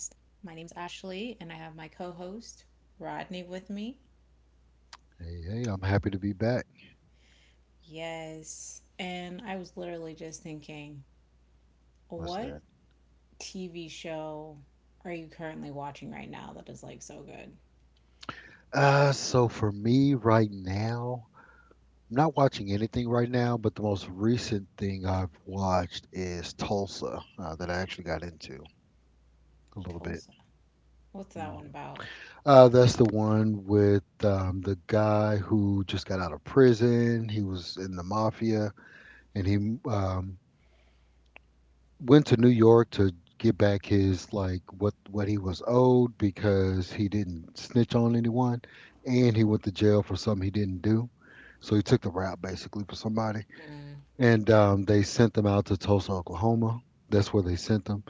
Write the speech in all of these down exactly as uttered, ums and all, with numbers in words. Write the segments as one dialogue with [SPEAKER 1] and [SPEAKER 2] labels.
[SPEAKER 1] My name's Ashley, and I have my co host, Rodney, with me.
[SPEAKER 2] Hey, hey, I'm happy to be back.
[SPEAKER 1] Yes. And I was literally just thinking,
[SPEAKER 2] What's
[SPEAKER 1] what
[SPEAKER 2] that?
[SPEAKER 1] T V show are you currently watching right now that is like so good?
[SPEAKER 2] Uh, so for me right now, I'm not watching anything right now, but the most recent thing I've watched is Tulsa, uh, that I actually got into a little bit.
[SPEAKER 1] Tulsa. What's that
[SPEAKER 2] Mhm.
[SPEAKER 1] one about?
[SPEAKER 2] Uh, that's the one with um, the guy who just got out of prison. He was in the mafia, and he um, went to New York to get back his like what what he was owed because he didn't snitch on anyone, and he went to jail for something he didn't do. So he took the rap basically for somebody, and um, they sent him out to Tulsa, Oklahoma. That's where they sent him.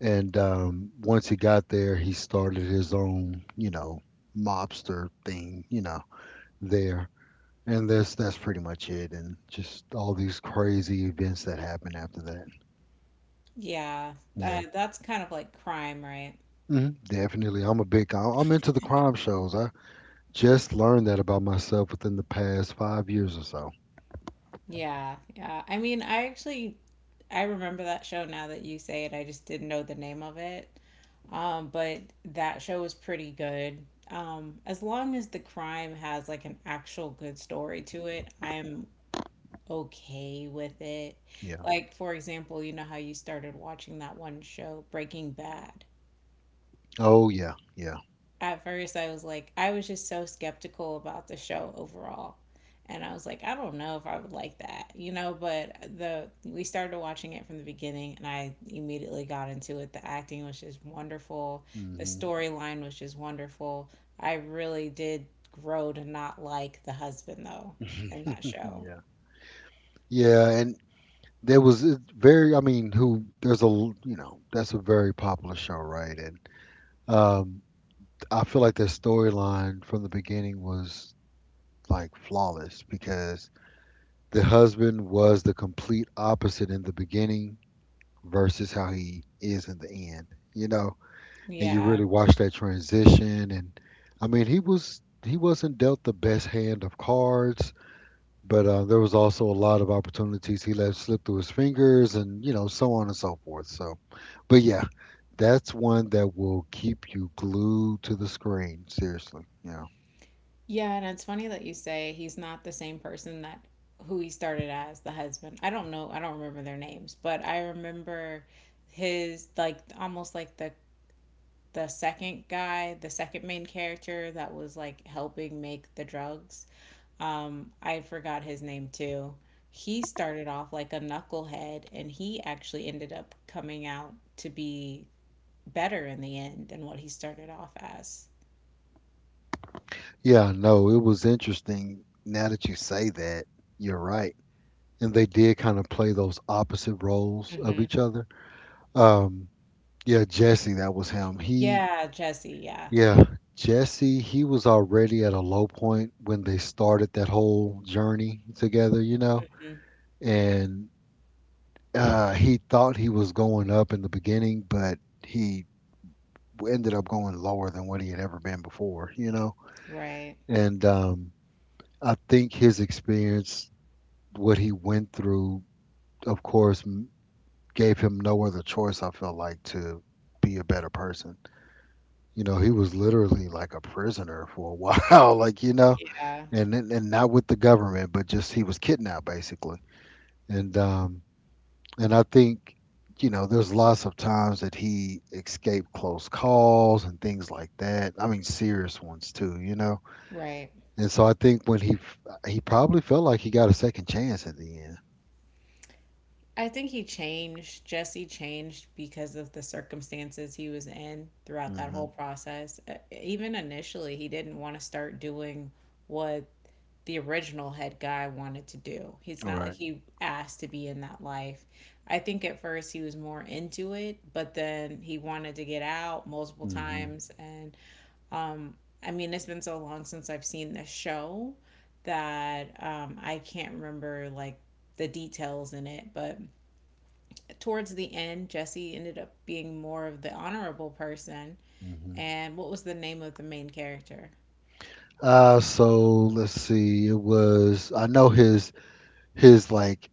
[SPEAKER 2] And um, once he got there, he started his own, you know, mobster thing, you know, there. And that's that's pretty much it. And just all these crazy events that happened after that.
[SPEAKER 1] Yeah, uh,
[SPEAKER 2] Yeah.
[SPEAKER 1] that's kind of like crime, right?
[SPEAKER 2] Hmm. Definitely. I'm a big, I- I'm into the crime shows. I just learned that about myself within the past five years or so.
[SPEAKER 1] Yeah, yeah. I mean, I actually I remember that show now that you say it. I just didn't know the name of it. Um, but that show was pretty good. Um, as long as the crime has like an actual good story to it, I'm okay with it.
[SPEAKER 2] Yeah.
[SPEAKER 1] Like, for example, you know how you started watching that one show, Breaking Bad.
[SPEAKER 2] Oh, yeah. Yeah.
[SPEAKER 1] At first I was like, I was just so skeptical about the show overall. And I was like, I don't know if I would like that, you know, but the we started watching it from the beginning and I immediately got into it. The acting was just wonderful. The
[SPEAKER 2] Hmm.
[SPEAKER 1] storyline was just wonderful. I really did grow to not like the husband though in that show.
[SPEAKER 2] Yeah. Yeah. And there was it's very, I mean, who, there's a, l- you know, that's a very popular show, right? And um, I feel like the storyline from the beginning was like flawless because the husband was the complete opposite in the beginning versus how he is in the end. You know, and you
[SPEAKER 1] Yeah.
[SPEAKER 2] really watch that transition. And I mean, he was he wasn't dealt the best hand of cards, but uh, there was also a lot of opportunities he let slip through his fingers, and you know, so on and so forth. So, but yeah, that's one that will keep you glued to the screen. Seriously, yeah,
[SPEAKER 1] Yeah, and it's funny that you say he's not the same person that who he started as the husband. I don't know, I don't remember their names, but I remember his like almost like the the second guy, the second main character that was like helping make the drugs. Um, I forgot his name too. He started off like a knucklehead and he actually ended up coming out to be better in the end than what he started off as.
[SPEAKER 2] yeah. No, it was interesting. Now that you say that, you're right. And they did kind of play those opposite roles of
[SPEAKER 1] Hmm.
[SPEAKER 2] each other. Um, yeah, Jesse, that was him. He
[SPEAKER 1] Yeah, Jesse, yeah.
[SPEAKER 2] Yeah, Jesse, he was already at a low point when they started that whole journey together, you know, and uh, he thought he was going up in the beginning, but he ended up going lower than what he had ever been before, you know,
[SPEAKER 1] Right.
[SPEAKER 2] and um, I think his experience, what he went through, of course, m- gave him no other choice, I feel like, to be a better person. You know, he was literally like a prisoner for a while, like, you know
[SPEAKER 1] Yeah.
[SPEAKER 2] and and and not with the government, but just he was kidnapped basically. And um and I think you know there's lots of times that he escaped close calls and things like that. I mean serious ones too, you know.
[SPEAKER 1] Right.
[SPEAKER 2] And so I think when he f- he probably felt like he got a second chance at the end.
[SPEAKER 1] I think he changed, Jesse changed because of the circumstances he was in throughout that
[SPEAKER 2] Mm-hmm.
[SPEAKER 1] whole process. Uh, Even initially, he didn't want to start doing what the original head guy wanted to do. It's
[SPEAKER 2] All
[SPEAKER 1] not like
[SPEAKER 2] right.
[SPEAKER 1] he asked to be in that life. I think at first he was more into it, but then he wanted to get out multiple
[SPEAKER 2] Mm-hmm.
[SPEAKER 1] times and Um, I mean, it's been so long since I've seen the show that um, I can't remember like the details in it. But towards the end, Jesse ended up being more of the honorable person.
[SPEAKER 2] Mm-hmm.
[SPEAKER 1] And what was the name of the main character?
[SPEAKER 2] Uh, so let's see. It was I know his his like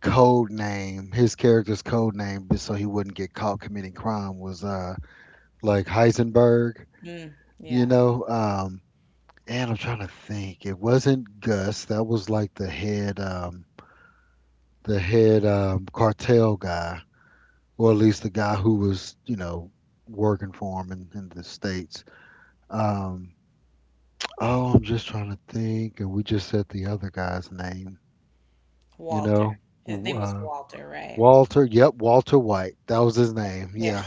[SPEAKER 2] code name, his character's code name, so he wouldn't get caught committing crime was uh like Heisenberg,
[SPEAKER 1] Mm,
[SPEAKER 2] you
[SPEAKER 1] yeah,
[SPEAKER 2] know. Um, and I'm trying to think. It wasn't Gus. That was like the head, um, the head um, cartel guy, or at least the guy who was, you know, working for him in, in the states. Um, oh, I'm just trying to think. And we just said the other guy's name. You know,
[SPEAKER 1] Walter. His
[SPEAKER 2] W-
[SPEAKER 1] name was
[SPEAKER 2] uh,
[SPEAKER 1] Walter, right?
[SPEAKER 2] Walter. Yep, Walter White. That was his name.
[SPEAKER 1] Yeah.
[SPEAKER 2] Yeah,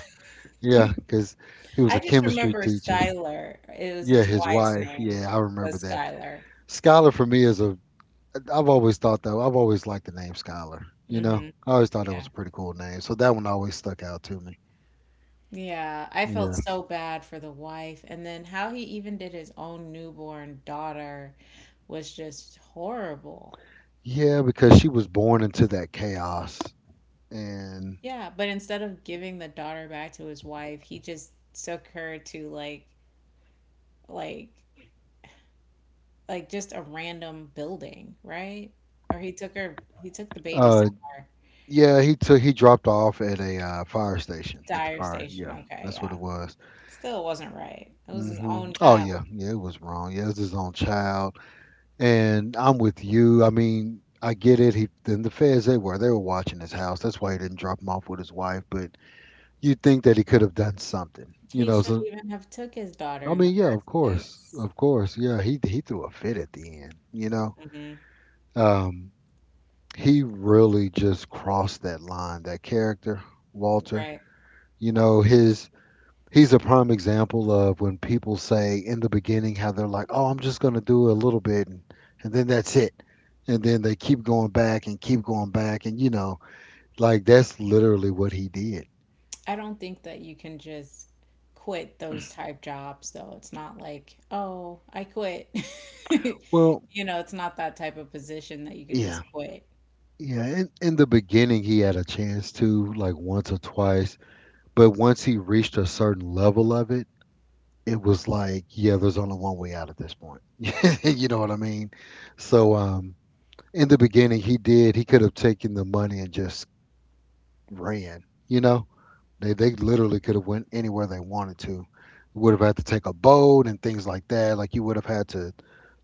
[SPEAKER 2] yeah, because he was
[SPEAKER 1] I
[SPEAKER 2] a
[SPEAKER 1] just
[SPEAKER 2] chemistry
[SPEAKER 1] remember
[SPEAKER 2] teacher.
[SPEAKER 1] Skylar. It was
[SPEAKER 2] Yeah,
[SPEAKER 1] his
[SPEAKER 2] his
[SPEAKER 1] wife's
[SPEAKER 2] wife.
[SPEAKER 1] name
[SPEAKER 2] Yeah, I remember
[SPEAKER 1] was
[SPEAKER 2] that.
[SPEAKER 1] Skylar.
[SPEAKER 2] Scholar for me is a. I've always thought that. I've always liked the name Scholar. You know,
[SPEAKER 1] Hmm.
[SPEAKER 2] I always thought it was a pretty cool name. So that one always stuck out to me.
[SPEAKER 1] Yeah, I felt
[SPEAKER 2] Yeah.
[SPEAKER 1] so bad for the wife. And then how he even did his own newborn daughter was just horrible.
[SPEAKER 2] Yeah, because she was born into that chaos, and
[SPEAKER 1] Yeah, but instead of giving the daughter back to his wife, he just took her to like like like just a random building, right? Or he took her he took the baby
[SPEAKER 2] uh,
[SPEAKER 1] somewhere.
[SPEAKER 2] yeah, he took he dropped off at a uh, fire station at the
[SPEAKER 1] Dire
[SPEAKER 2] fire.
[SPEAKER 1] station.
[SPEAKER 2] Yeah,
[SPEAKER 1] Okay,
[SPEAKER 2] that's what
[SPEAKER 1] yeah.
[SPEAKER 2] it was.
[SPEAKER 1] Still wasn't right. It was his
[SPEAKER 2] Hmm.
[SPEAKER 1] own
[SPEAKER 2] Oh
[SPEAKER 1] child.
[SPEAKER 2] yeah, yeah, it was wrong. Yeah, it's his own child, and I'm with you. I mean. I get it. He then the feds they were they were watching his house. That's why he didn't drop him off with his wife. But you'd think that he could have done something, you
[SPEAKER 1] He
[SPEAKER 2] know.
[SPEAKER 1] shouldn't
[SPEAKER 2] So
[SPEAKER 1] even have took his daughter
[SPEAKER 2] I
[SPEAKER 1] in the
[SPEAKER 2] mean, yeah, of
[SPEAKER 1] first
[SPEAKER 2] course,
[SPEAKER 1] place.
[SPEAKER 2] of course, yeah. He he threw a fit at the end, you know.
[SPEAKER 1] Hmm.
[SPEAKER 2] Um, he really just crossed that line. That character, Walter,
[SPEAKER 1] Right.
[SPEAKER 2] you know, his he's a prime example of when people say in the beginning how they're like, oh, I'm just gonna do a little bit, and and then that's it. And then they keep going back and keep going back, and you know, like that's literally what he did.
[SPEAKER 1] I don't think that you can just quit those type jobs though. It's not like, oh, I quit.
[SPEAKER 2] Well,
[SPEAKER 1] You know, it's not that type of position that you could
[SPEAKER 2] yeah,
[SPEAKER 1] just quit.
[SPEAKER 2] yeah, in, in the beginning, he had a chance to, like once or twice, but once he reached a certain level of it, it was like, yeah, there's only one way out at this point. You know what I mean? So, um, in the beginning, he did. He could have taken the money and just ran. You know, they they literally could have went anywhere they wanted to. Would have had to take a boat and things like that. Like you would have had to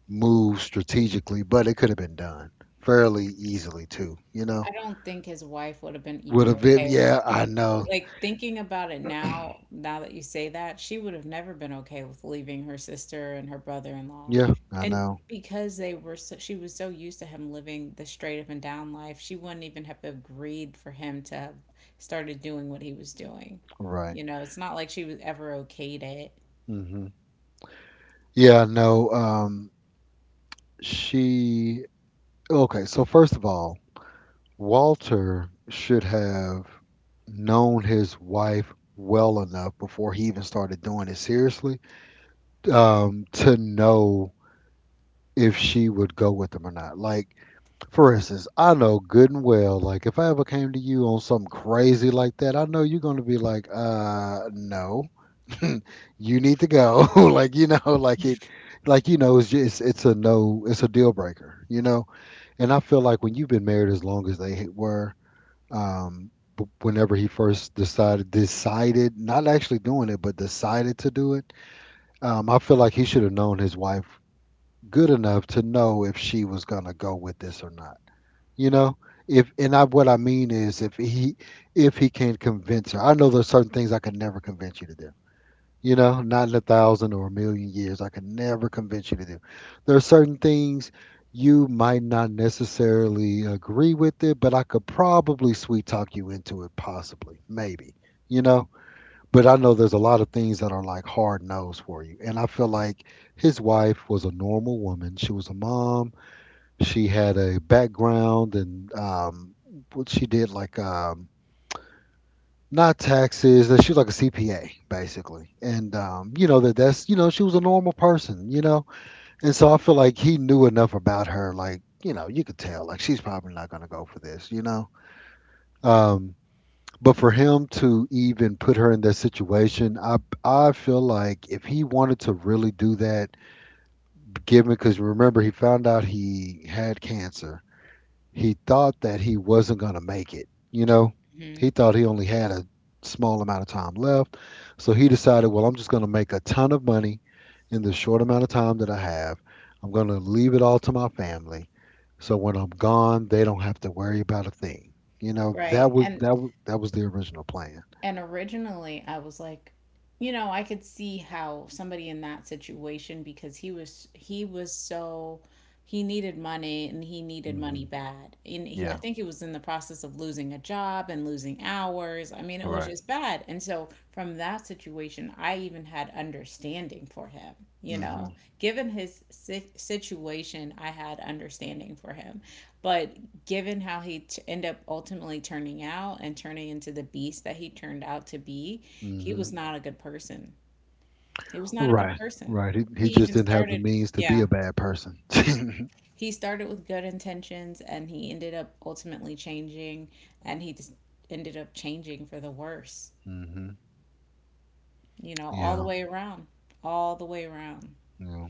[SPEAKER 2] move strategically, but it could have been done fairly easily too. You
[SPEAKER 1] I
[SPEAKER 2] know?
[SPEAKER 1] don't think his wife would have been
[SPEAKER 2] With
[SPEAKER 1] even
[SPEAKER 2] a bib,
[SPEAKER 1] okay,
[SPEAKER 2] yeah, I know.
[SPEAKER 1] like thinking about it now, now that you say that, she would have never been okay with leaving her sister and her brother-in-law.
[SPEAKER 2] Yeah, I
[SPEAKER 1] And
[SPEAKER 2] know.
[SPEAKER 1] because they were so, she was so used to him living the straight up and down life, she wouldn't even have agreed for him to have started doing what he was doing.
[SPEAKER 2] Right.
[SPEAKER 1] You know, it's not like she was ever okayed it.
[SPEAKER 2] Hmm. Yeah, I know. Um, she. Okay, so first of all, Walter should have known his wife well enough before he even started doing it seriously um, to know if she would go with him or not. Like, for instance, I know good and well, like, if I ever came to you on something crazy like that, I know you're going to be like, uh, no. You need to go like you know like it like you know it's just it's a no it's a deal breaker you know and I feel like when you've been married as long as they were um b- whenever he first decided decided not actually doing it but decided to do it um I feel like he should have known his wife good enough to know if she was going to go with this or not you know if and I what I mean is if he if he can convince her I know there's certain things I could never convince you to do you know, not in a thousand or a million years. I could never convince you to do. There are certain things you might not necessarily agree with it, but I could probably sweet talk you into it, possibly, maybe, you know. But I know there's a lot of things that are like hard no's for you. And I feel like his wife was a normal woman. She was a mom. She had a background and um, what she did like um, not taxes. That she was like a C P A basically, and um, you know that that's you know she was a normal person, you know, and so I feel like he knew enough about her, like you know you could tell like she's probably not gonna go for this, you know. Um, but for him to even put her in that situation, I I feel like if he wanted to really do that, given because remember he found out he had cancer he thought that he wasn't going to make it. You know,
[SPEAKER 1] Hmm.
[SPEAKER 2] he thought he only had a small amount of time left. So he decided, well, I'm just going to make a ton of money in the short amount of time that I have. I'm going to leave it all to my family. So when I'm gone, they don't have to worry about a thing. You know,
[SPEAKER 1] Right.
[SPEAKER 2] that was
[SPEAKER 1] And
[SPEAKER 2] that was, that was the original plan.
[SPEAKER 1] And originally, I was like, you know, I could see how somebody in that situation because he was he was so he needed money and he needed money
[SPEAKER 2] Hmm.
[SPEAKER 1] bad. And he, I
[SPEAKER 2] Yeah,
[SPEAKER 1] think he was in the process of losing a job and losing hours. I mean, it was
[SPEAKER 2] right.
[SPEAKER 1] just bad. And so from that situation, I even had understanding for him, you know.
[SPEAKER 2] Hmm.
[SPEAKER 1] Given his si- situation, I had understanding for him. But given how he t- ended up ultimately turning out and turning into the beast that he turned out to be, he
[SPEAKER 2] Hmm.
[SPEAKER 1] was not a good person. He was not a good
[SPEAKER 2] Right.
[SPEAKER 1] person.
[SPEAKER 2] Right. He,
[SPEAKER 1] He
[SPEAKER 2] he just
[SPEAKER 1] even
[SPEAKER 2] didn't have the
[SPEAKER 1] started,
[SPEAKER 2] means to be a
[SPEAKER 1] yeah,
[SPEAKER 2] bad person.
[SPEAKER 1] he started with good intentions and he ended up ultimately changing and he just ended up changing for the worse,
[SPEAKER 2] Hmm.
[SPEAKER 1] you know, all the
[SPEAKER 2] Yeah.
[SPEAKER 1] way around, all the way around.
[SPEAKER 2] Yeah.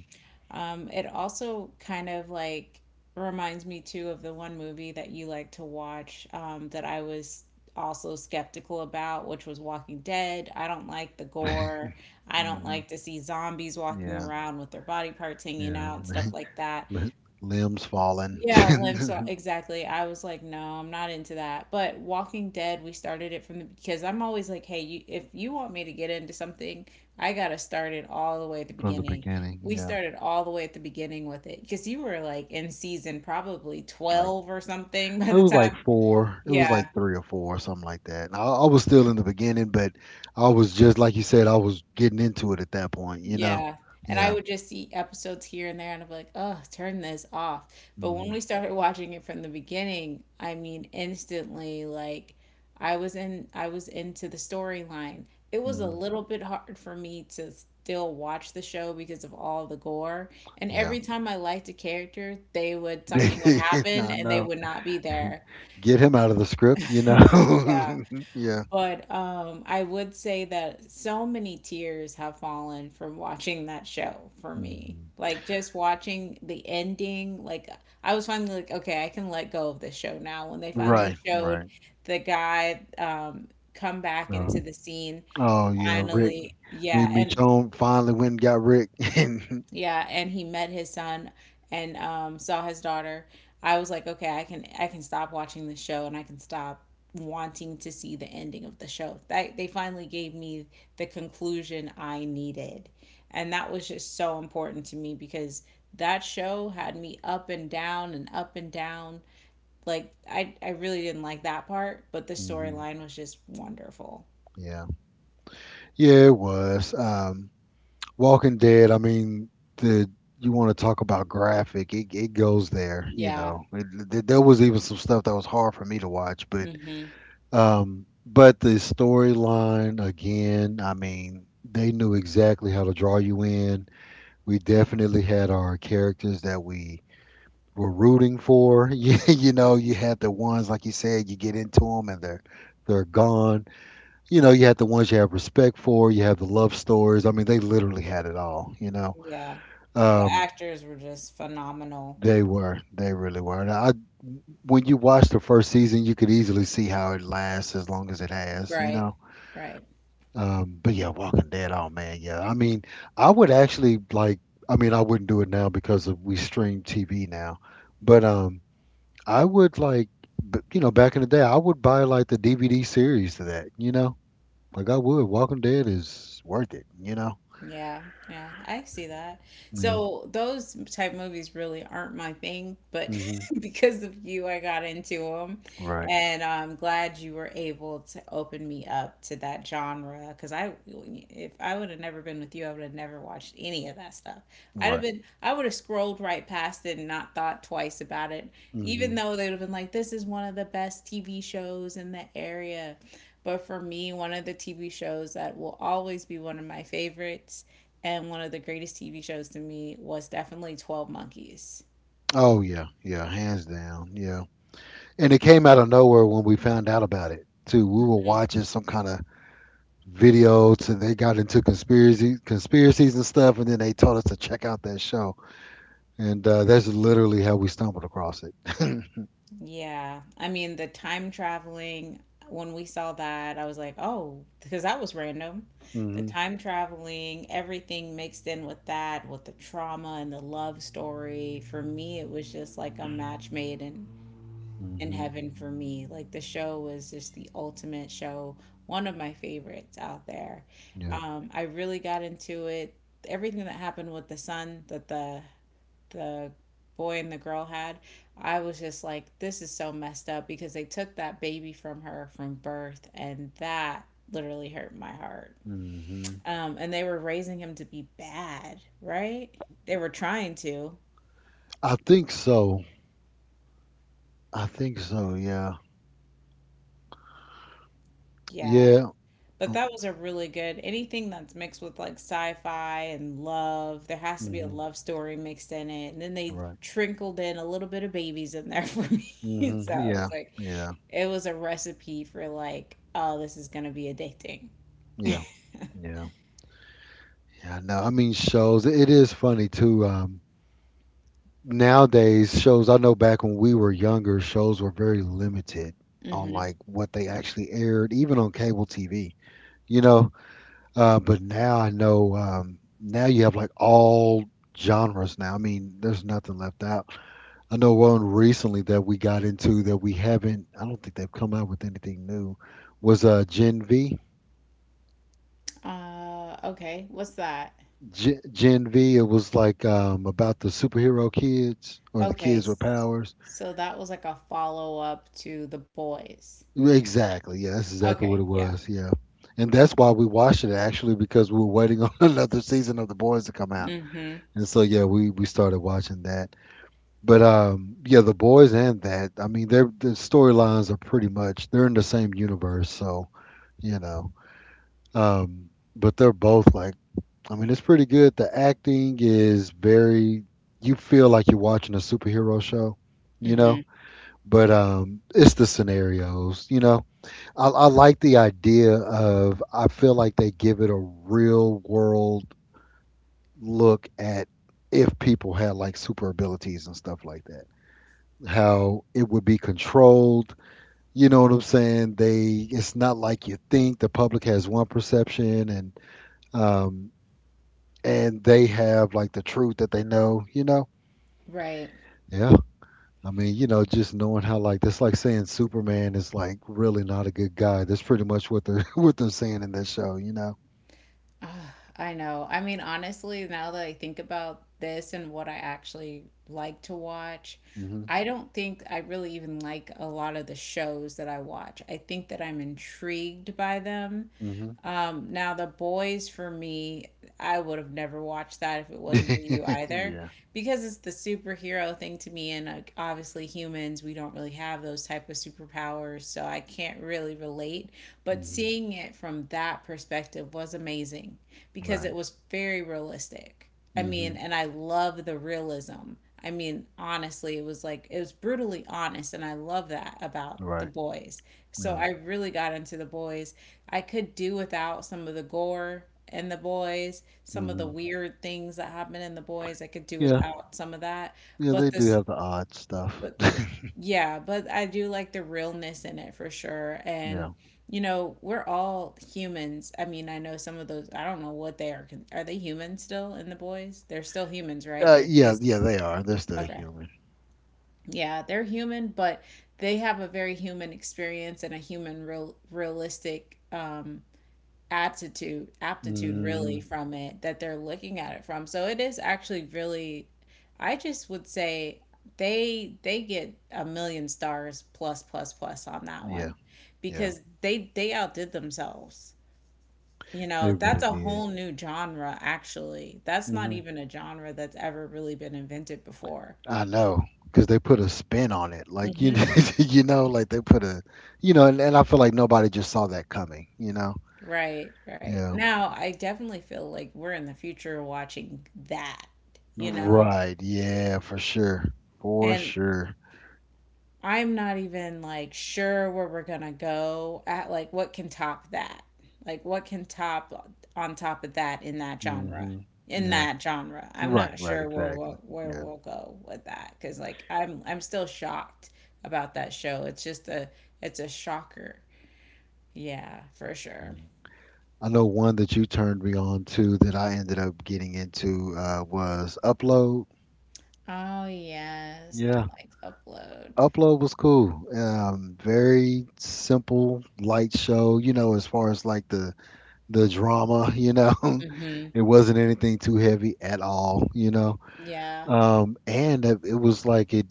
[SPEAKER 1] Um, it also kind of like reminds me too of the one movie that you like to watch um, that I was also skeptical about, which was Walking Dead. I don't like the gore. I don't
[SPEAKER 2] Mhm.
[SPEAKER 1] like to see zombies walking
[SPEAKER 2] Yeah,
[SPEAKER 1] around with their body parts hanging
[SPEAKER 2] yeah.
[SPEAKER 1] out and stuff like that.
[SPEAKER 2] Li- Limbs falling
[SPEAKER 1] Yeah, limb saw
[SPEAKER 2] from
[SPEAKER 1] exactly. I was like, no, I'm not into that. But Walking Dead, we started it from the because I'm always like, hey, you, if you want me to get into something, I gotta start it all the way at the
[SPEAKER 2] the
[SPEAKER 1] beginning.
[SPEAKER 2] beginning.
[SPEAKER 1] We
[SPEAKER 2] Yeah,
[SPEAKER 1] started all the way at the beginning with it because you were like in season probably
[SPEAKER 2] like
[SPEAKER 1] twelve or something by
[SPEAKER 2] it
[SPEAKER 1] the
[SPEAKER 2] was like
[SPEAKER 1] time.
[SPEAKER 2] four. It was
[SPEAKER 1] Yeah.
[SPEAKER 2] like three or four, or something like that. And I, I was still in the beginning, but I was just like you said, I was getting into it at that point. You know?
[SPEAKER 1] Yeah. And I
[SPEAKER 2] Yeah.
[SPEAKER 1] would just see episodes here and there and I'm like, oh, turn this off. But when we
[SPEAKER 2] Hmm.
[SPEAKER 1] started watching it from the beginning, I mean, instantly, like I was in I was into the storyline. It was a
[SPEAKER 2] Hmm.
[SPEAKER 1] little bit hard for me to still watch the show because of all the gore. And
[SPEAKER 2] Yeah.
[SPEAKER 1] every time I liked a character, they would something would happen
[SPEAKER 2] I
[SPEAKER 1] and they
[SPEAKER 2] know.
[SPEAKER 1] would not be there.
[SPEAKER 2] Get him out of the script. You know?
[SPEAKER 1] Yeah.
[SPEAKER 2] Yeah.
[SPEAKER 1] But um, I would say that so many tears have fallen from watching that show for me.
[SPEAKER 2] Hmm.
[SPEAKER 1] Like just watching the ending, like I was finally like, okay, I can let go of this show now. When they finally
[SPEAKER 2] Right.
[SPEAKER 1] showed
[SPEAKER 2] Right.
[SPEAKER 1] the guy um, come back
[SPEAKER 2] Uh,
[SPEAKER 1] into the scene,
[SPEAKER 2] oh yeah, Rick.
[SPEAKER 1] finally,
[SPEAKER 2] Me, and
[SPEAKER 1] yeah,
[SPEAKER 2] me,
[SPEAKER 1] and
[SPEAKER 2] Joan finally went and got Rick. Hmm.
[SPEAKER 1] yeah, and he met his son and um, saw his daughter. I was like, okay, I can I can stop watching the show and I can stop wanting to see the ending of the show. That they finally gave me the conclusion I needed. And that was just so important to me because that show had me up and down and up and down. Like I I really didn't like that part, but the storyline was just wonderful.
[SPEAKER 2] Yeah. Yeah, it was. Um, Walking Dead. I mean, the you want to talk about graphic? It it goes there. You
[SPEAKER 1] Yeah.
[SPEAKER 2] know, it, th- there was even some stuff that was hard for me to watch, but
[SPEAKER 1] Mhm.
[SPEAKER 2] um, but the storyline again. I mean, they knew exactly how to draw you in. We definitely had our characters that we were rooting for. You, you know, you
[SPEAKER 1] Mhm.
[SPEAKER 2] had the ones like you said, you get into them and they're they're gone you know, you had the ones you have respect for, you have the love stories. I mean, they literally had it all, you know.
[SPEAKER 1] Yeah. The
[SPEAKER 2] Um,
[SPEAKER 1] actors were just phenomenal.
[SPEAKER 2] they were, they really were. And I, when you watch the first season, you could easily see how it lasts as long as it has, you
[SPEAKER 1] Right.
[SPEAKER 2] know.
[SPEAKER 1] Right.
[SPEAKER 2] Um, but yeah, Walking Dead, oh man, yeah. I mean, I would actually like, I mean, I wouldn't do it now because of we stream T V now, but um, I would like, b- you know, back in the day, I would buy like the D V D series to that, you know. Like I would. Walking Dead is worth it, you know.
[SPEAKER 1] Yeah. Yeah. I see that.
[SPEAKER 2] Yeah.
[SPEAKER 1] So those type movies really aren't my thing, but
[SPEAKER 2] hmm
[SPEAKER 1] because of you, I got into them.
[SPEAKER 2] Right.
[SPEAKER 1] And I'm glad you were able to open me up to that genre because I, if I would have never been with you, I would have never watched any of that stuff. I'd have
[SPEAKER 2] Right.
[SPEAKER 1] been, I would have scrolled right past it and not thought twice about it, even
[SPEAKER 2] hmm
[SPEAKER 1] though they would have been like, this is one of the best T V shows in the area. But for me, one of the T V shows that will always be one of my favorites and one of the greatest T V shows to me was definitely twelve Monkeys.
[SPEAKER 2] Oh yeah. Yeah. Hands down. Yeah. And it came out of nowhere when we found out about it too. We were watching some kind of video to they got into conspiracy conspiracies and stuff, and then they told us to check out that show, and uh, that's literally how we stumbled across it.
[SPEAKER 1] Yeah. I mean, the time traveling, when we saw that, I was like, oh, because that was random. The
[SPEAKER 2] hmm
[SPEAKER 1] time traveling, everything mixed in with that, with the trauma and the love story. For me, it was just like a match made in, in
[SPEAKER 2] hmm
[SPEAKER 1] heaven for me. Like the show was just the ultimate show, one of my favorites out there.
[SPEAKER 2] Yeah.
[SPEAKER 1] Um, I really got into it. Everything that happened with the son, that the the boy and the girl had, I was just like, this is so messed up because they took that baby from her from birth, and that literally hurt my heart.
[SPEAKER 2] hmm
[SPEAKER 1] Um, and they were raising him to be bad, right? They were trying to,
[SPEAKER 2] I think so. I think so. Yeah.
[SPEAKER 1] yeah.
[SPEAKER 2] Yeah.
[SPEAKER 1] But that was a really good anything that's mixed with like sci-fi and love. There has to be a
[SPEAKER 2] Mm-hmm.
[SPEAKER 1] love story mixed in it, and then they
[SPEAKER 2] Right.
[SPEAKER 1] trickled in a little bit of babies in there for me.
[SPEAKER 2] hmm
[SPEAKER 1] So
[SPEAKER 2] Yeah.
[SPEAKER 1] it's like
[SPEAKER 2] Yeah.
[SPEAKER 1] it was a recipe for like, oh, this is gonna be addicting.
[SPEAKER 2] Yeah. Yeah. Yeah, no, I mean shows. It is funny too. Um, nowadays, shows, I know back when we were younger, shows were very limited on like what they actually aired, even on cable T V. You know, uh, but now I know. Um, now you have like all genres. Now, I mean, there's nothing left out. I know one recently that we got into that we haven't. I don't think they've come out with anything new. Was uh Gen V?
[SPEAKER 1] Uh, okay, what's that?
[SPEAKER 2] Gen, Gen V, it was like um, about the superhero kids or the
[SPEAKER 1] Okay,
[SPEAKER 2] kids with
[SPEAKER 1] s-
[SPEAKER 2] powers.
[SPEAKER 1] so that was like a follow up to The Boys.
[SPEAKER 2] Exactly. Yeah, that's exactly
[SPEAKER 1] Okay,
[SPEAKER 2] what it
[SPEAKER 1] yeah.
[SPEAKER 2] was. Yeah. And that's why we watched it actually because we were waiting on another season of The Boys to come out.
[SPEAKER 1] Mm-hmm.
[SPEAKER 2] And so yeah, we we started watching that. But um yeah, The Boys and that, I mean, their the storylines are pretty much they're in the same universe, so, you know. Um but they're both like, I mean, it's pretty good. The acting is very, you feel like you're watching a superhero show, you
[SPEAKER 1] Mm-hmm.
[SPEAKER 2] know? But um, it's the scenarios, you know? I, I like the idea of, I feel like they give it a real world look at if people had like super abilities and stuff like that, how it would be controlled. You know what I'm saying? They, it's not like you think the public has one perception and, um, and they have like the truth that they know, you know?
[SPEAKER 1] Right.
[SPEAKER 2] Yeah. I mean, you know, just knowing how like that's like saying Superman is like really not a good guy. That's pretty much what they're what they're saying in this show, you know.
[SPEAKER 1] Ah, I know. I mean, honestly, now that I think about this and what I actually like to watch,
[SPEAKER 2] hmm
[SPEAKER 1] I don't think I really even like a lot of the shows that I watch. I think that I'm intrigued by them.
[SPEAKER 2] hmm
[SPEAKER 1] Um, now the boys for me, I would have never watched that if it wasn't for you either,
[SPEAKER 2] yeah.
[SPEAKER 1] because it's the superhero thing to me, and like obviously humans, we don't really have those type of superpowers, so I can't really relate. But
[SPEAKER 2] hmm
[SPEAKER 1] seeing it from that perspective was amazing because
[SPEAKER 2] Right.
[SPEAKER 1] it was very realistic. I
[SPEAKER 2] hmm
[SPEAKER 1] mean, and I love the realism. I mean, honestly, it was like it was brutally honest, and I love that about the
[SPEAKER 2] Right.
[SPEAKER 1] boys. So
[SPEAKER 2] Yeah.
[SPEAKER 1] I really got into the boys. I could do without some of the gore in the boys, some of the
[SPEAKER 2] hmm
[SPEAKER 1] weird things that happen in the boys. I could do
[SPEAKER 2] Yeah.
[SPEAKER 1] without some of that.
[SPEAKER 2] Yeah,
[SPEAKER 1] But
[SPEAKER 2] they do
[SPEAKER 1] this,
[SPEAKER 2] have the odd stuff.
[SPEAKER 1] but yeah, but I do like the realness in it for sure. And,
[SPEAKER 2] yeah.
[SPEAKER 1] you know, we're all humans. I mean, I know some of those, I don't know what they are. con- Are they human still in the boys? They're still humans, right?
[SPEAKER 2] Uh,
[SPEAKER 1] They're
[SPEAKER 2] yeah,
[SPEAKER 1] just,
[SPEAKER 2] yeah, they are. They're still
[SPEAKER 1] okay.
[SPEAKER 2] human.
[SPEAKER 1] Yeah, they're human, but they have a very human experience and a human real realistic um attitude, aptitude really
[SPEAKER 2] mm
[SPEAKER 1] from it that they're looking at it from. So it is actually really— I just would say they they get a million stars plus plus plus on that
[SPEAKER 2] Yeah,
[SPEAKER 1] one
[SPEAKER 2] yeah.
[SPEAKER 1] because they they outdid themselves. You
[SPEAKER 2] They
[SPEAKER 1] know,
[SPEAKER 2] really
[SPEAKER 1] that's a
[SPEAKER 2] did.
[SPEAKER 1] whole new genre actually. That's not
[SPEAKER 2] Mhm.
[SPEAKER 1] even a genre that's ever really been invented before.
[SPEAKER 2] I know, because they put a spin on it, like you know,
[SPEAKER 1] hmm
[SPEAKER 2] you know, like they put a, you know, and, and I feel like nobody just saw that coming, you know.
[SPEAKER 1] Right, right.
[SPEAKER 2] Yeah.
[SPEAKER 1] Now, I definitely feel like we're in the future watching that, you know?
[SPEAKER 2] Right. Yeah. For sure. For
[SPEAKER 1] And
[SPEAKER 2] sure.
[SPEAKER 1] I'm not even like sure where we're going to go at, like what can top that? Like what can top on top of that in that genre?
[SPEAKER 2] hmm
[SPEAKER 1] In
[SPEAKER 2] Yeah.
[SPEAKER 1] that genre. I'm
[SPEAKER 2] Right.
[SPEAKER 1] not
[SPEAKER 2] Right.
[SPEAKER 1] sure where
[SPEAKER 2] Exactly.
[SPEAKER 1] we'll, where
[SPEAKER 2] Yeah.
[SPEAKER 1] we'll go with that, cuz like I'm I'm still shocked about that show. It's just a— it's a shocker. Yeah, for sure.
[SPEAKER 2] Mhm. I know one that you turned me on to that I ended up getting into uh, was Upload.
[SPEAKER 1] Oh yes, I
[SPEAKER 2] Yeah.
[SPEAKER 1] liked Upload.
[SPEAKER 2] Upload was cool. Um, very simple, light show, you know, as far as like the the drama, you know.
[SPEAKER 1] Mhm.
[SPEAKER 2] It wasn't anything too heavy at all, you know.
[SPEAKER 1] Yeah.
[SPEAKER 2] Um, and it it was like it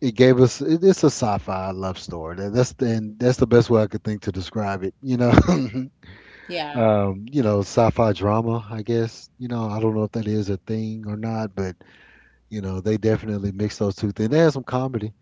[SPEAKER 2] it gave us it, it's a sci-fi love story. That- That's the, and that's the best way I could think to describe it, you know.
[SPEAKER 1] Yeah.
[SPEAKER 2] Um, you know, sci-fi drama, I guess. You know, I don't know if that is a thing or not, but you know, they definitely mix those two things. They had some comedy.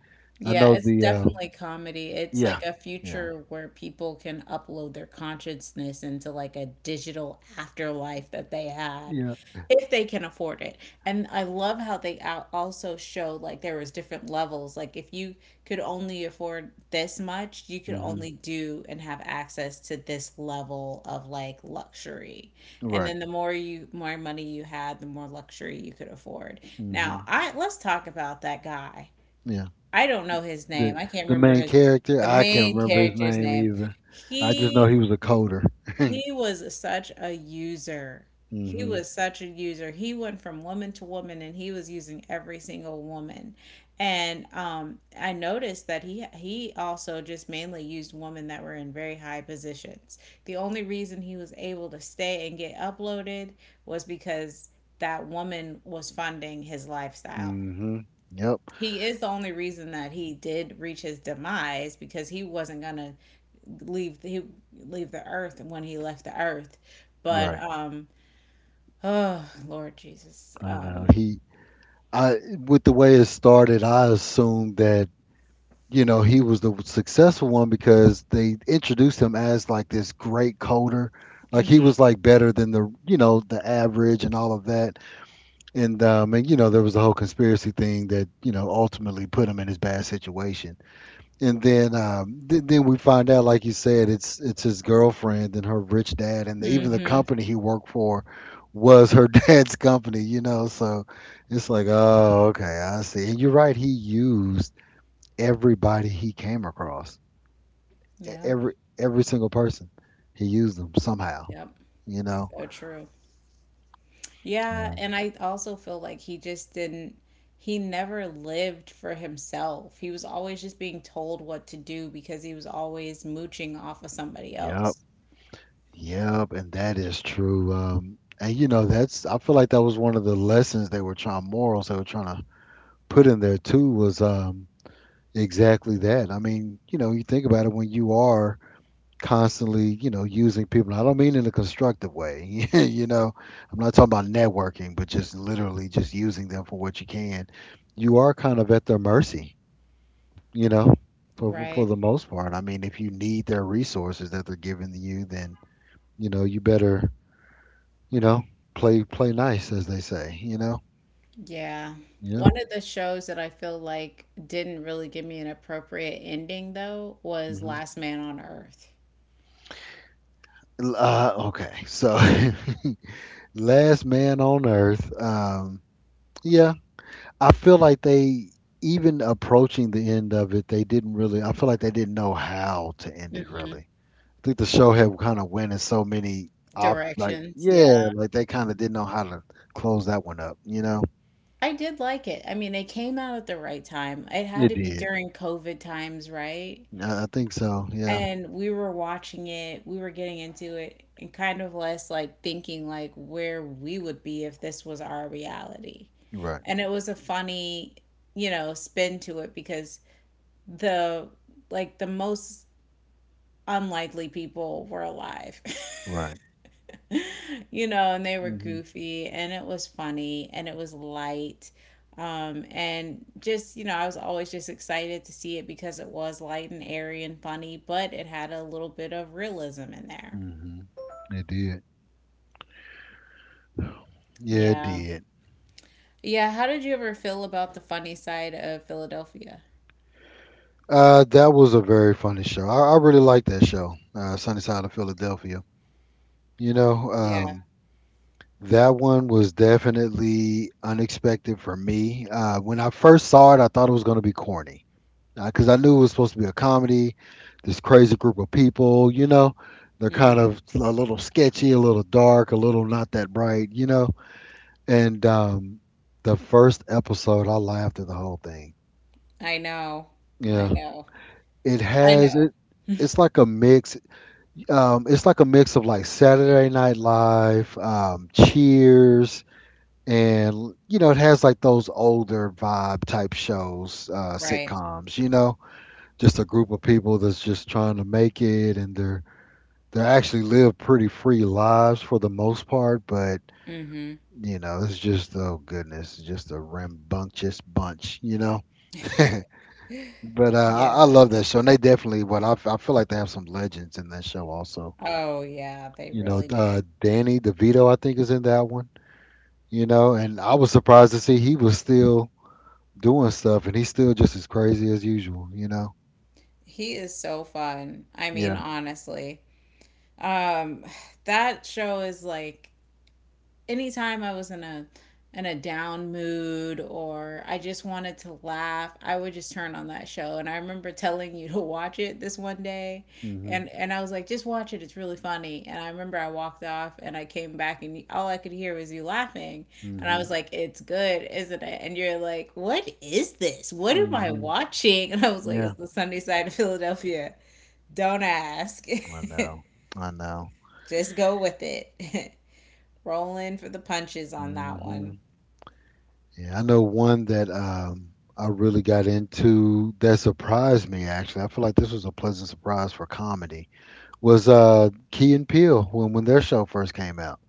[SPEAKER 2] I
[SPEAKER 1] Yeah,
[SPEAKER 2] know
[SPEAKER 1] it's
[SPEAKER 2] the uh,
[SPEAKER 1] definitely comedy. It's
[SPEAKER 2] yeah,
[SPEAKER 1] like a
[SPEAKER 2] yeah,
[SPEAKER 1] future where people can upload their consciousness into like a digital afterlife that they had
[SPEAKER 2] yeah.
[SPEAKER 1] if they can afford it. And I love how they al- also show like there was different levels. Like if you could only afford this much, you could
[SPEAKER 2] hmm
[SPEAKER 1] only do and have access to this level of like luxury. And
[SPEAKER 2] Right.
[SPEAKER 1] then the more you more money you had, the more luxury you could afford. Now,
[SPEAKER 2] hmm
[SPEAKER 1] I— let's talk about that guy.
[SPEAKER 2] Yeah.
[SPEAKER 1] I don't know his
[SPEAKER 2] the
[SPEAKER 1] name. I can't
[SPEAKER 2] the
[SPEAKER 1] remember
[SPEAKER 2] main
[SPEAKER 1] his—
[SPEAKER 2] character.
[SPEAKER 1] the
[SPEAKER 2] I can't
[SPEAKER 1] main
[SPEAKER 2] remember his
[SPEAKER 1] character's
[SPEAKER 2] name
[SPEAKER 1] name.
[SPEAKER 2] either. I just know he
[SPEAKER 1] He
[SPEAKER 2] was a coder.
[SPEAKER 1] he was such a user. He
[SPEAKER 2] mhm.
[SPEAKER 1] was such a user. He went from woman to woman and he was using every single woman. And um I noticed that he he also just mainly used women that were in very high positions. The only reason he was able to stay and get uploaded was because that woman was funding his lifestyle.
[SPEAKER 2] Mhm. Yep.
[SPEAKER 1] He is the only reason that he did reach his demise, because he wasn't gonna leave the, he leave the earth when he left the earth. But
[SPEAKER 2] Right.
[SPEAKER 1] um, oh Lord Jesus,
[SPEAKER 2] I know
[SPEAKER 1] um,
[SPEAKER 2] he. I, with the way it started, I assumed that you know he was the successful one because they introduced him as like this great coder. Like he
[SPEAKER 1] mhm,
[SPEAKER 2] was like better than the, you know, the average and all of that, and um and you know there was a whole conspiracy thing that you know ultimately put him in his bad situation, and then um, th- then we find out, like you said, it's it's his girlfriend and her rich dad, and even the
[SPEAKER 1] mhm,
[SPEAKER 2] company he worked for was her dad's company, you know. So it's like, oh, okay, I see. And you're right, he used everybody he came across. E-
[SPEAKER 1] yep,
[SPEAKER 2] every every single person, he used them somehow,
[SPEAKER 1] yep,
[SPEAKER 2] you know.
[SPEAKER 1] so true. Yeah,
[SPEAKER 2] Yeah.
[SPEAKER 1] and I also feel like he just didn't. He never lived for himself. He was always just being told what to do because he was always mooching off of somebody
[SPEAKER 2] Yep.
[SPEAKER 1] else.
[SPEAKER 2] Yep, and that is true. Um, and you know, that's, I feel like that was one of the lessons they were trying, morals they were trying to put in there too was. Um, Exactly that. I mean, you know, you think about it when you are constantly, you know, using people, and I don't mean in a constructive way. you know, I'm not talking about networking, but just literally just using them for what you can. You are kind of at their mercy, you know, for for for
[SPEAKER 1] Right.
[SPEAKER 2] the most part. I mean, if you need their resources that they're giving you, then, you know, you better, you know, play play nice as they say, you know.
[SPEAKER 1] Yeah.
[SPEAKER 2] Yeah.
[SPEAKER 1] One of the shows that I feel like didn't really give me an appropriate ending, though, was
[SPEAKER 2] hmm
[SPEAKER 1] Last Man on Earth.
[SPEAKER 2] Uh, okay. So last man on earth. Um Yeah, I feel like they, even approaching the end of it, they didn't really. I feel like they didn't know how to end it
[SPEAKER 1] hmm
[SPEAKER 2] really. I think the show had kind of went in so many op like
[SPEAKER 1] Directions.
[SPEAKER 2] yeah,
[SPEAKER 1] Yeah.
[SPEAKER 2] like they kind of didn't know how to close that one up. You know,
[SPEAKER 1] I did like it. I mean, it came out at the right time. It had
[SPEAKER 2] it
[SPEAKER 1] to be
[SPEAKER 2] did.
[SPEAKER 1] during COVID times, right?
[SPEAKER 2] I, I think so. Yeah,
[SPEAKER 1] And we were watching it, we were getting into it, and kind of less like thinking like where we would be if this was our reality.
[SPEAKER 2] you're right,
[SPEAKER 1] And it was a funny, you know, spin to it because the— like the most unlikely people were alive,
[SPEAKER 2] right.
[SPEAKER 1] you know, and they were
[SPEAKER 2] Mhm,
[SPEAKER 1] goofy and it was funny and it was light. Um, and just, you know, I was always just excited to see it because it was light and airy and funny, but it had a little bit of realism in there.
[SPEAKER 2] mhm. It did. Yeah, it
[SPEAKER 1] Yeah.
[SPEAKER 2] did.
[SPEAKER 1] Yeah. How did you ever feel about the funny side of Philadelphia?
[SPEAKER 2] Uh, that was a very funny show. I, I really liked that show, uh, Sunny Side of Philadelphia. You know,
[SPEAKER 1] Yeah.
[SPEAKER 2] um, that one was definitely unexpected for me. Uh, when I first saw it, I thought it was going to be corny because I knew it was supposed to be a comedy. This crazy group of people, you know, they're kind
[SPEAKER 1] hmm.
[SPEAKER 2] of a little sketchy, a little dark, a little not that bright, you know. And um, the first episode, I laughed at the whole thing.
[SPEAKER 1] I know. I
[SPEAKER 2] Yeah,
[SPEAKER 1] know.
[SPEAKER 2] it
[SPEAKER 1] I
[SPEAKER 2] has
[SPEAKER 1] know.
[SPEAKER 2] it. It's like a mix. Um, it's like a mix of like Saturday Night Live, um, Cheers, and you know it has like those older vibe type shows, uh
[SPEAKER 1] Right.
[SPEAKER 2] sitcoms, you know, just a group of people that's just trying to make it, and they're they actually live pretty free lives for the most part, but
[SPEAKER 1] hmm.
[SPEAKER 2] you know it's just, oh goodness, it's just a rambunctious bunch, you know. But uh, I, I
[SPEAKER 1] Yeah.
[SPEAKER 2] love that show, and they definitely what I, f- I feel like they have some legends in that show also,
[SPEAKER 1] Oh, yeah. They
[SPEAKER 2] you know.
[SPEAKER 1] really
[SPEAKER 2] uh
[SPEAKER 1] did.
[SPEAKER 2] Danny DeVito, I think, is in that one. You know, and I was surprised to see he was still doing stuff, and he's still just as crazy as usual. You know.
[SPEAKER 1] He is so fun. I mean,
[SPEAKER 2] Yeah.
[SPEAKER 1] honestly, um, that show is like, anytime I was in a— in a down mood or I just wanted to laugh, I would just turn on that show. And I remember telling you to watch it this one day,
[SPEAKER 2] Mhm.
[SPEAKER 1] and and I was like, just watch it. It's really funny. And I remember I walked off and I came back and all I could hear was you laughing. And I was
[SPEAKER 2] Mhm.
[SPEAKER 1] like, it's good, isn't it? And you're like, what is this? What am I
[SPEAKER 2] Mhm.
[SPEAKER 1] watching? And I was like,
[SPEAKER 2] Yeah.
[SPEAKER 1] it's the Sunny Side of Philadelphia. Don't ask.
[SPEAKER 2] I know. I know.
[SPEAKER 1] Just go with it. Rolling for the punches on that one.
[SPEAKER 2] Mhm. Yeah, I know one that um, I really got into that surprised me. Actually, I feel like this was a pleasant surprise for comedy. Was uh, Key and Peele, when when their show first came out.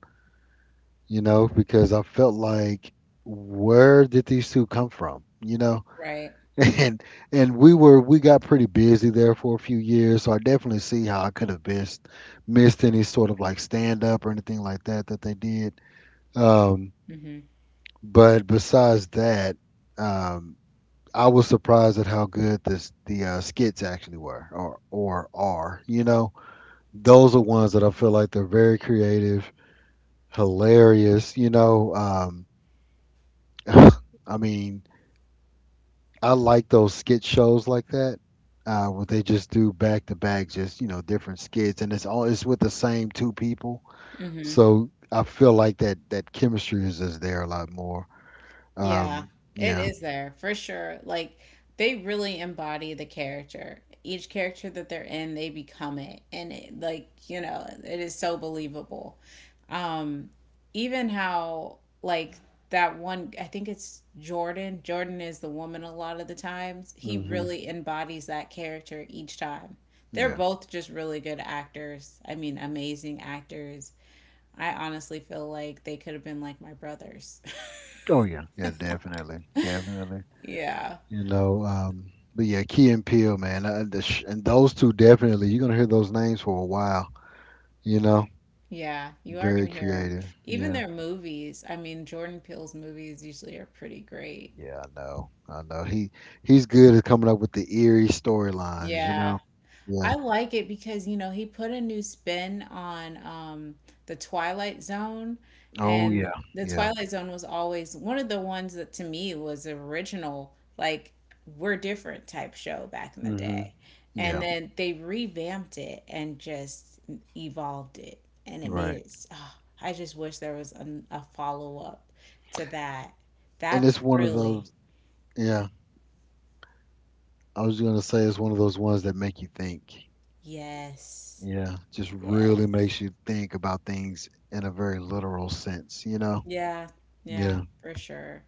[SPEAKER 2] You know, because I felt like, where did these two come from? You know,
[SPEAKER 1] Right.
[SPEAKER 2] and and we were, we got pretty busy there for a few years, so I definitely see how I could have missed missed any sort of like stand up or anything like that that they did, um
[SPEAKER 1] Mm-hmm.
[SPEAKER 2] but besides that, um I was surprised at how good this the uh, skits actually were, or or are, you know. Those are ones that I feel like they're very creative, hilarious, you know. um I mean, I like those skit shows like that, uh, where they just do back to back, just you know, different skits, and it's all it's with the same two people.
[SPEAKER 1] Mm-hmm.
[SPEAKER 2] So I feel like that that chemistry is just there a lot more.
[SPEAKER 1] Yeah,
[SPEAKER 2] Um,
[SPEAKER 1] it
[SPEAKER 2] yeah,
[SPEAKER 1] is there for sure. Like they really embody the character. Each character that they're in, they become it. And it, like, you know, it is so believable. Um, even how like that one, I think it's Jordan. Jordan is the woman a lot of the times. He
[SPEAKER 2] hmm
[SPEAKER 1] really embodies that character each time. They're
[SPEAKER 2] yeah,
[SPEAKER 1] both just really good actors. I mean, amazing actors. I honestly feel like they could have been like my brothers.
[SPEAKER 2] oh yeah, yeah, definitely, definitely.
[SPEAKER 1] Yeah.
[SPEAKER 2] You know, um, but yeah, Key and Peele, man, uh, the sh- and those two definitely. You're gonna hear those names for a while. You know,
[SPEAKER 1] Yeah, you are
[SPEAKER 2] very
[SPEAKER 1] gonna hear them.
[SPEAKER 2] creative.
[SPEAKER 1] Even
[SPEAKER 2] Yeah.
[SPEAKER 1] their movies, I mean, Jordan Peele's movies usually are pretty great.
[SPEAKER 2] Yeah, I know. I know. He he's good at coming up with the eerie storylines, you know.
[SPEAKER 1] Yeah,
[SPEAKER 2] Yeah.
[SPEAKER 1] I like it because, you know, he put a new spin on um, the Twilight Zone.
[SPEAKER 2] Oh
[SPEAKER 1] And
[SPEAKER 2] yeah.
[SPEAKER 1] the
[SPEAKER 2] Yeah.
[SPEAKER 1] Twilight Zone was always one of the ones that to me was original, like, we're different type show back in the
[SPEAKER 2] Mhm.
[SPEAKER 1] day. And
[SPEAKER 2] Yeah.
[SPEAKER 1] then they revamped it and just evolved it. And it made
[SPEAKER 2] Right.
[SPEAKER 1] it. Oh, I just wish there was an, a follow up to that.
[SPEAKER 2] And
[SPEAKER 1] That's
[SPEAKER 2] it's one of
[SPEAKER 1] really—
[SPEAKER 2] those, yeah, I was going to say it's one of those ones that make you think.
[SPEAKER 1] yes,
[SPEAKER 2] Yeah, just really
[SPEAKER 1] yes.
[SPEAKER 2] makes you think about things in a very literal sense, you know.
[SPEAKER 1] Yeah, yeah,
[SPEAKER 2] Yeah.
[SPEAKER 1] for sure.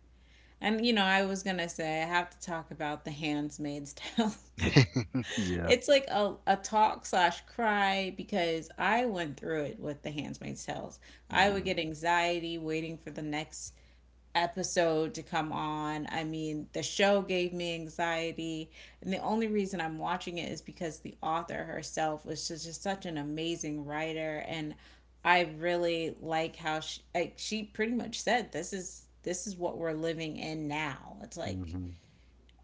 [SPEAKER 1] And you know, I was gonna say I have to talk about the Handmaid's Tales.
[SPEAKER 2] Yeah.
[SPEAKER 1] It's like a, a talk slash cry because I went through it with the Handmaid's Tales. I would
[SPEAKER 2] Mhm.
[SPEAKER 1] get anxiety waiting for the next episode to come on. I mean, the show gave me anxiety. And the only reason I'm watching it is because the author herself was just, just such an amazing writer. And I really like how she, like, she pretty much said, this is, this is what we're living in now. It's like,
[SPEAKER 2] Mhm.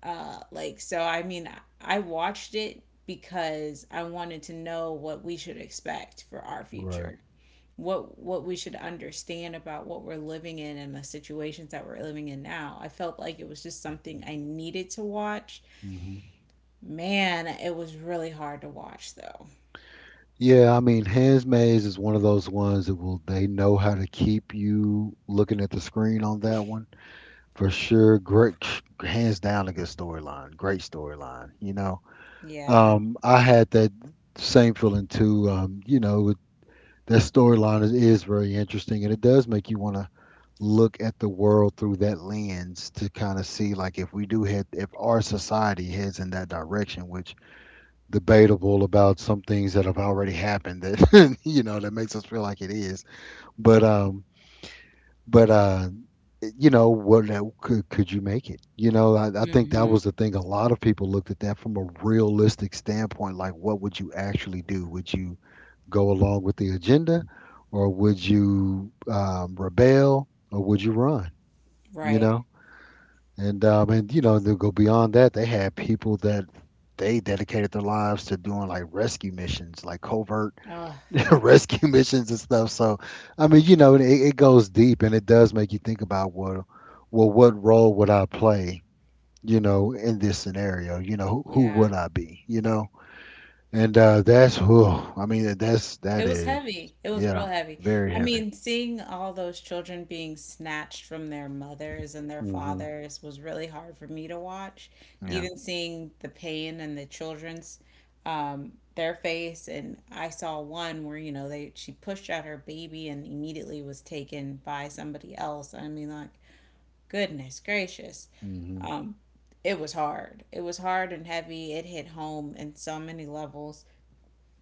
[SPEAKER 1] uh, like, so I mean, I watched it because I wanted to know what we should expect for our
[SPEAKER 2] Right.
[SPEAKER 1] future, what what we should understand about what we're living in and the situations that we're living in now. I felt like it was just something I needed to watch.
[SPEAKER 2] Mhm.
[SPEAKER 1] Man, it was really hard to watch though.
[SPEAKER 2] Yeah, I mean, Handmaids is one of those ones that will they know how to keep you looking at the screen on that one, for sure. Great, hands down, a good storyline. Great storyline. You know,
[SPEAKER 1] Yeah.
[SPEAKER 2] um, I had that same feeling too. Um, you know, with- that storyline is, is very interesting, and it does make you want to look at the world through that lens to kind of see, like, if we do head, if our society heads in that direction, which debatable about some things that have already happened that you know that makes us feel like it is, but um. But uh, you know, what, how- could could you make it, you know, I, I think that
[SPEAKER 1] Mhm.
[SPEAKER 2] was the thing a lot of people looked at that from a realistic standpoint, like what would you actually do, would you go along with the agenda, or would you um, rebel, or would you run, you
[SPEAKER 1] Right.
[SPEAKER 2] know. And um, and you know, to go beyond that, they had people that they dedicated their lives to doing like rescue missions, like covert
[SPEAKER 1] Oh
[SPEAKER 2] rescue missions and stuff. So, I mean, you know, it, it goes deep, and it does make you think about what, well, what role would I play? You know, in this scenario, you know, who, who
[SPEAKER 1] yeah.
[SPEAKER 2] would I be? You know, and uh, that's who. I mean, that's that
[SPEAKER 1] It was
[SPEAKER 2] is,
[SPEAKER 1] heavy. It was
[SPEAKER 2] yeah,
[SPEAKER 1] real heavy.
[SPEAKER 2] very
[SPEAKER 1] I
[SPEAKER 2] heavy.
[SPEAKER 1] mean, seeing all those children being snatched from their mothers and their
[SPEAKER 2] hmm
[SPEAKER 1] fathers was really hard for me to watch.
[SPEAKER 2] Yeah.
[SPEAKER 1] Even seeing the pain and the children's um their face, and I saw one where, you know, they— she pushed out her baby and immediately was taken by somebody else. I mean, like, goodness gracious.
[SPEAKER 2] hmm
[SPEAKER 1] It was hard. It was hard and heavy. It hit home in so many levels,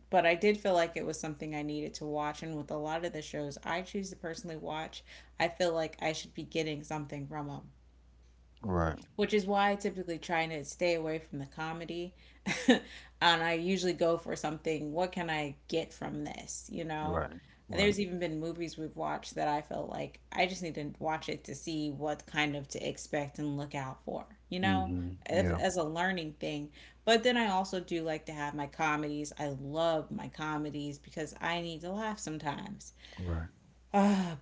[SPEAKER 1] but I did feel like it was something I needed to watch. And with a lot of the shows I choose to personally watch, I feel like I should be getting something from them,
[SPEAKER 2] Right.
[SPEAKER 1] which is why I typically try to stay away from the comedy. And I usually go for something— what can I get from this, you know?
[SPEAKER 2] Right. Right.
[SPEAKER 1] There's even been movies we've watched that I felt like I just need to watch it to see what kind of to expect and look out for, you know,
[SPEAKER 2] hmm
[SPEAKER 1] if,
[SPEAKER 2] Yeah.
[SPEAKER 1] as a learning thing. But then I also do like to have my comedies. I love my comedies because I need to laugh sometimes.
[SPEAKER 2] Right.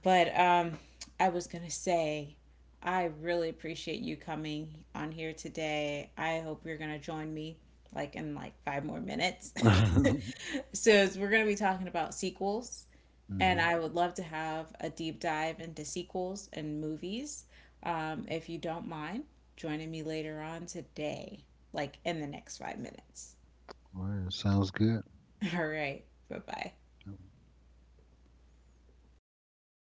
[SPEAKER 1] But um, I was going to say, I really appreciate you coming on here today. I hope you're going to join me like in like five more minutes.
[SPEAKER 2] hmm
[SPEAKER 1] So we're going to be talking about sequels, and I would love to have a deep dive into sequels and movies. Um, if you don't mind joining me later on today, like in the next five minutes.
[SPEAKER 2] Right. Sounds good.
[SPEAKER 1] All right. Bye bye.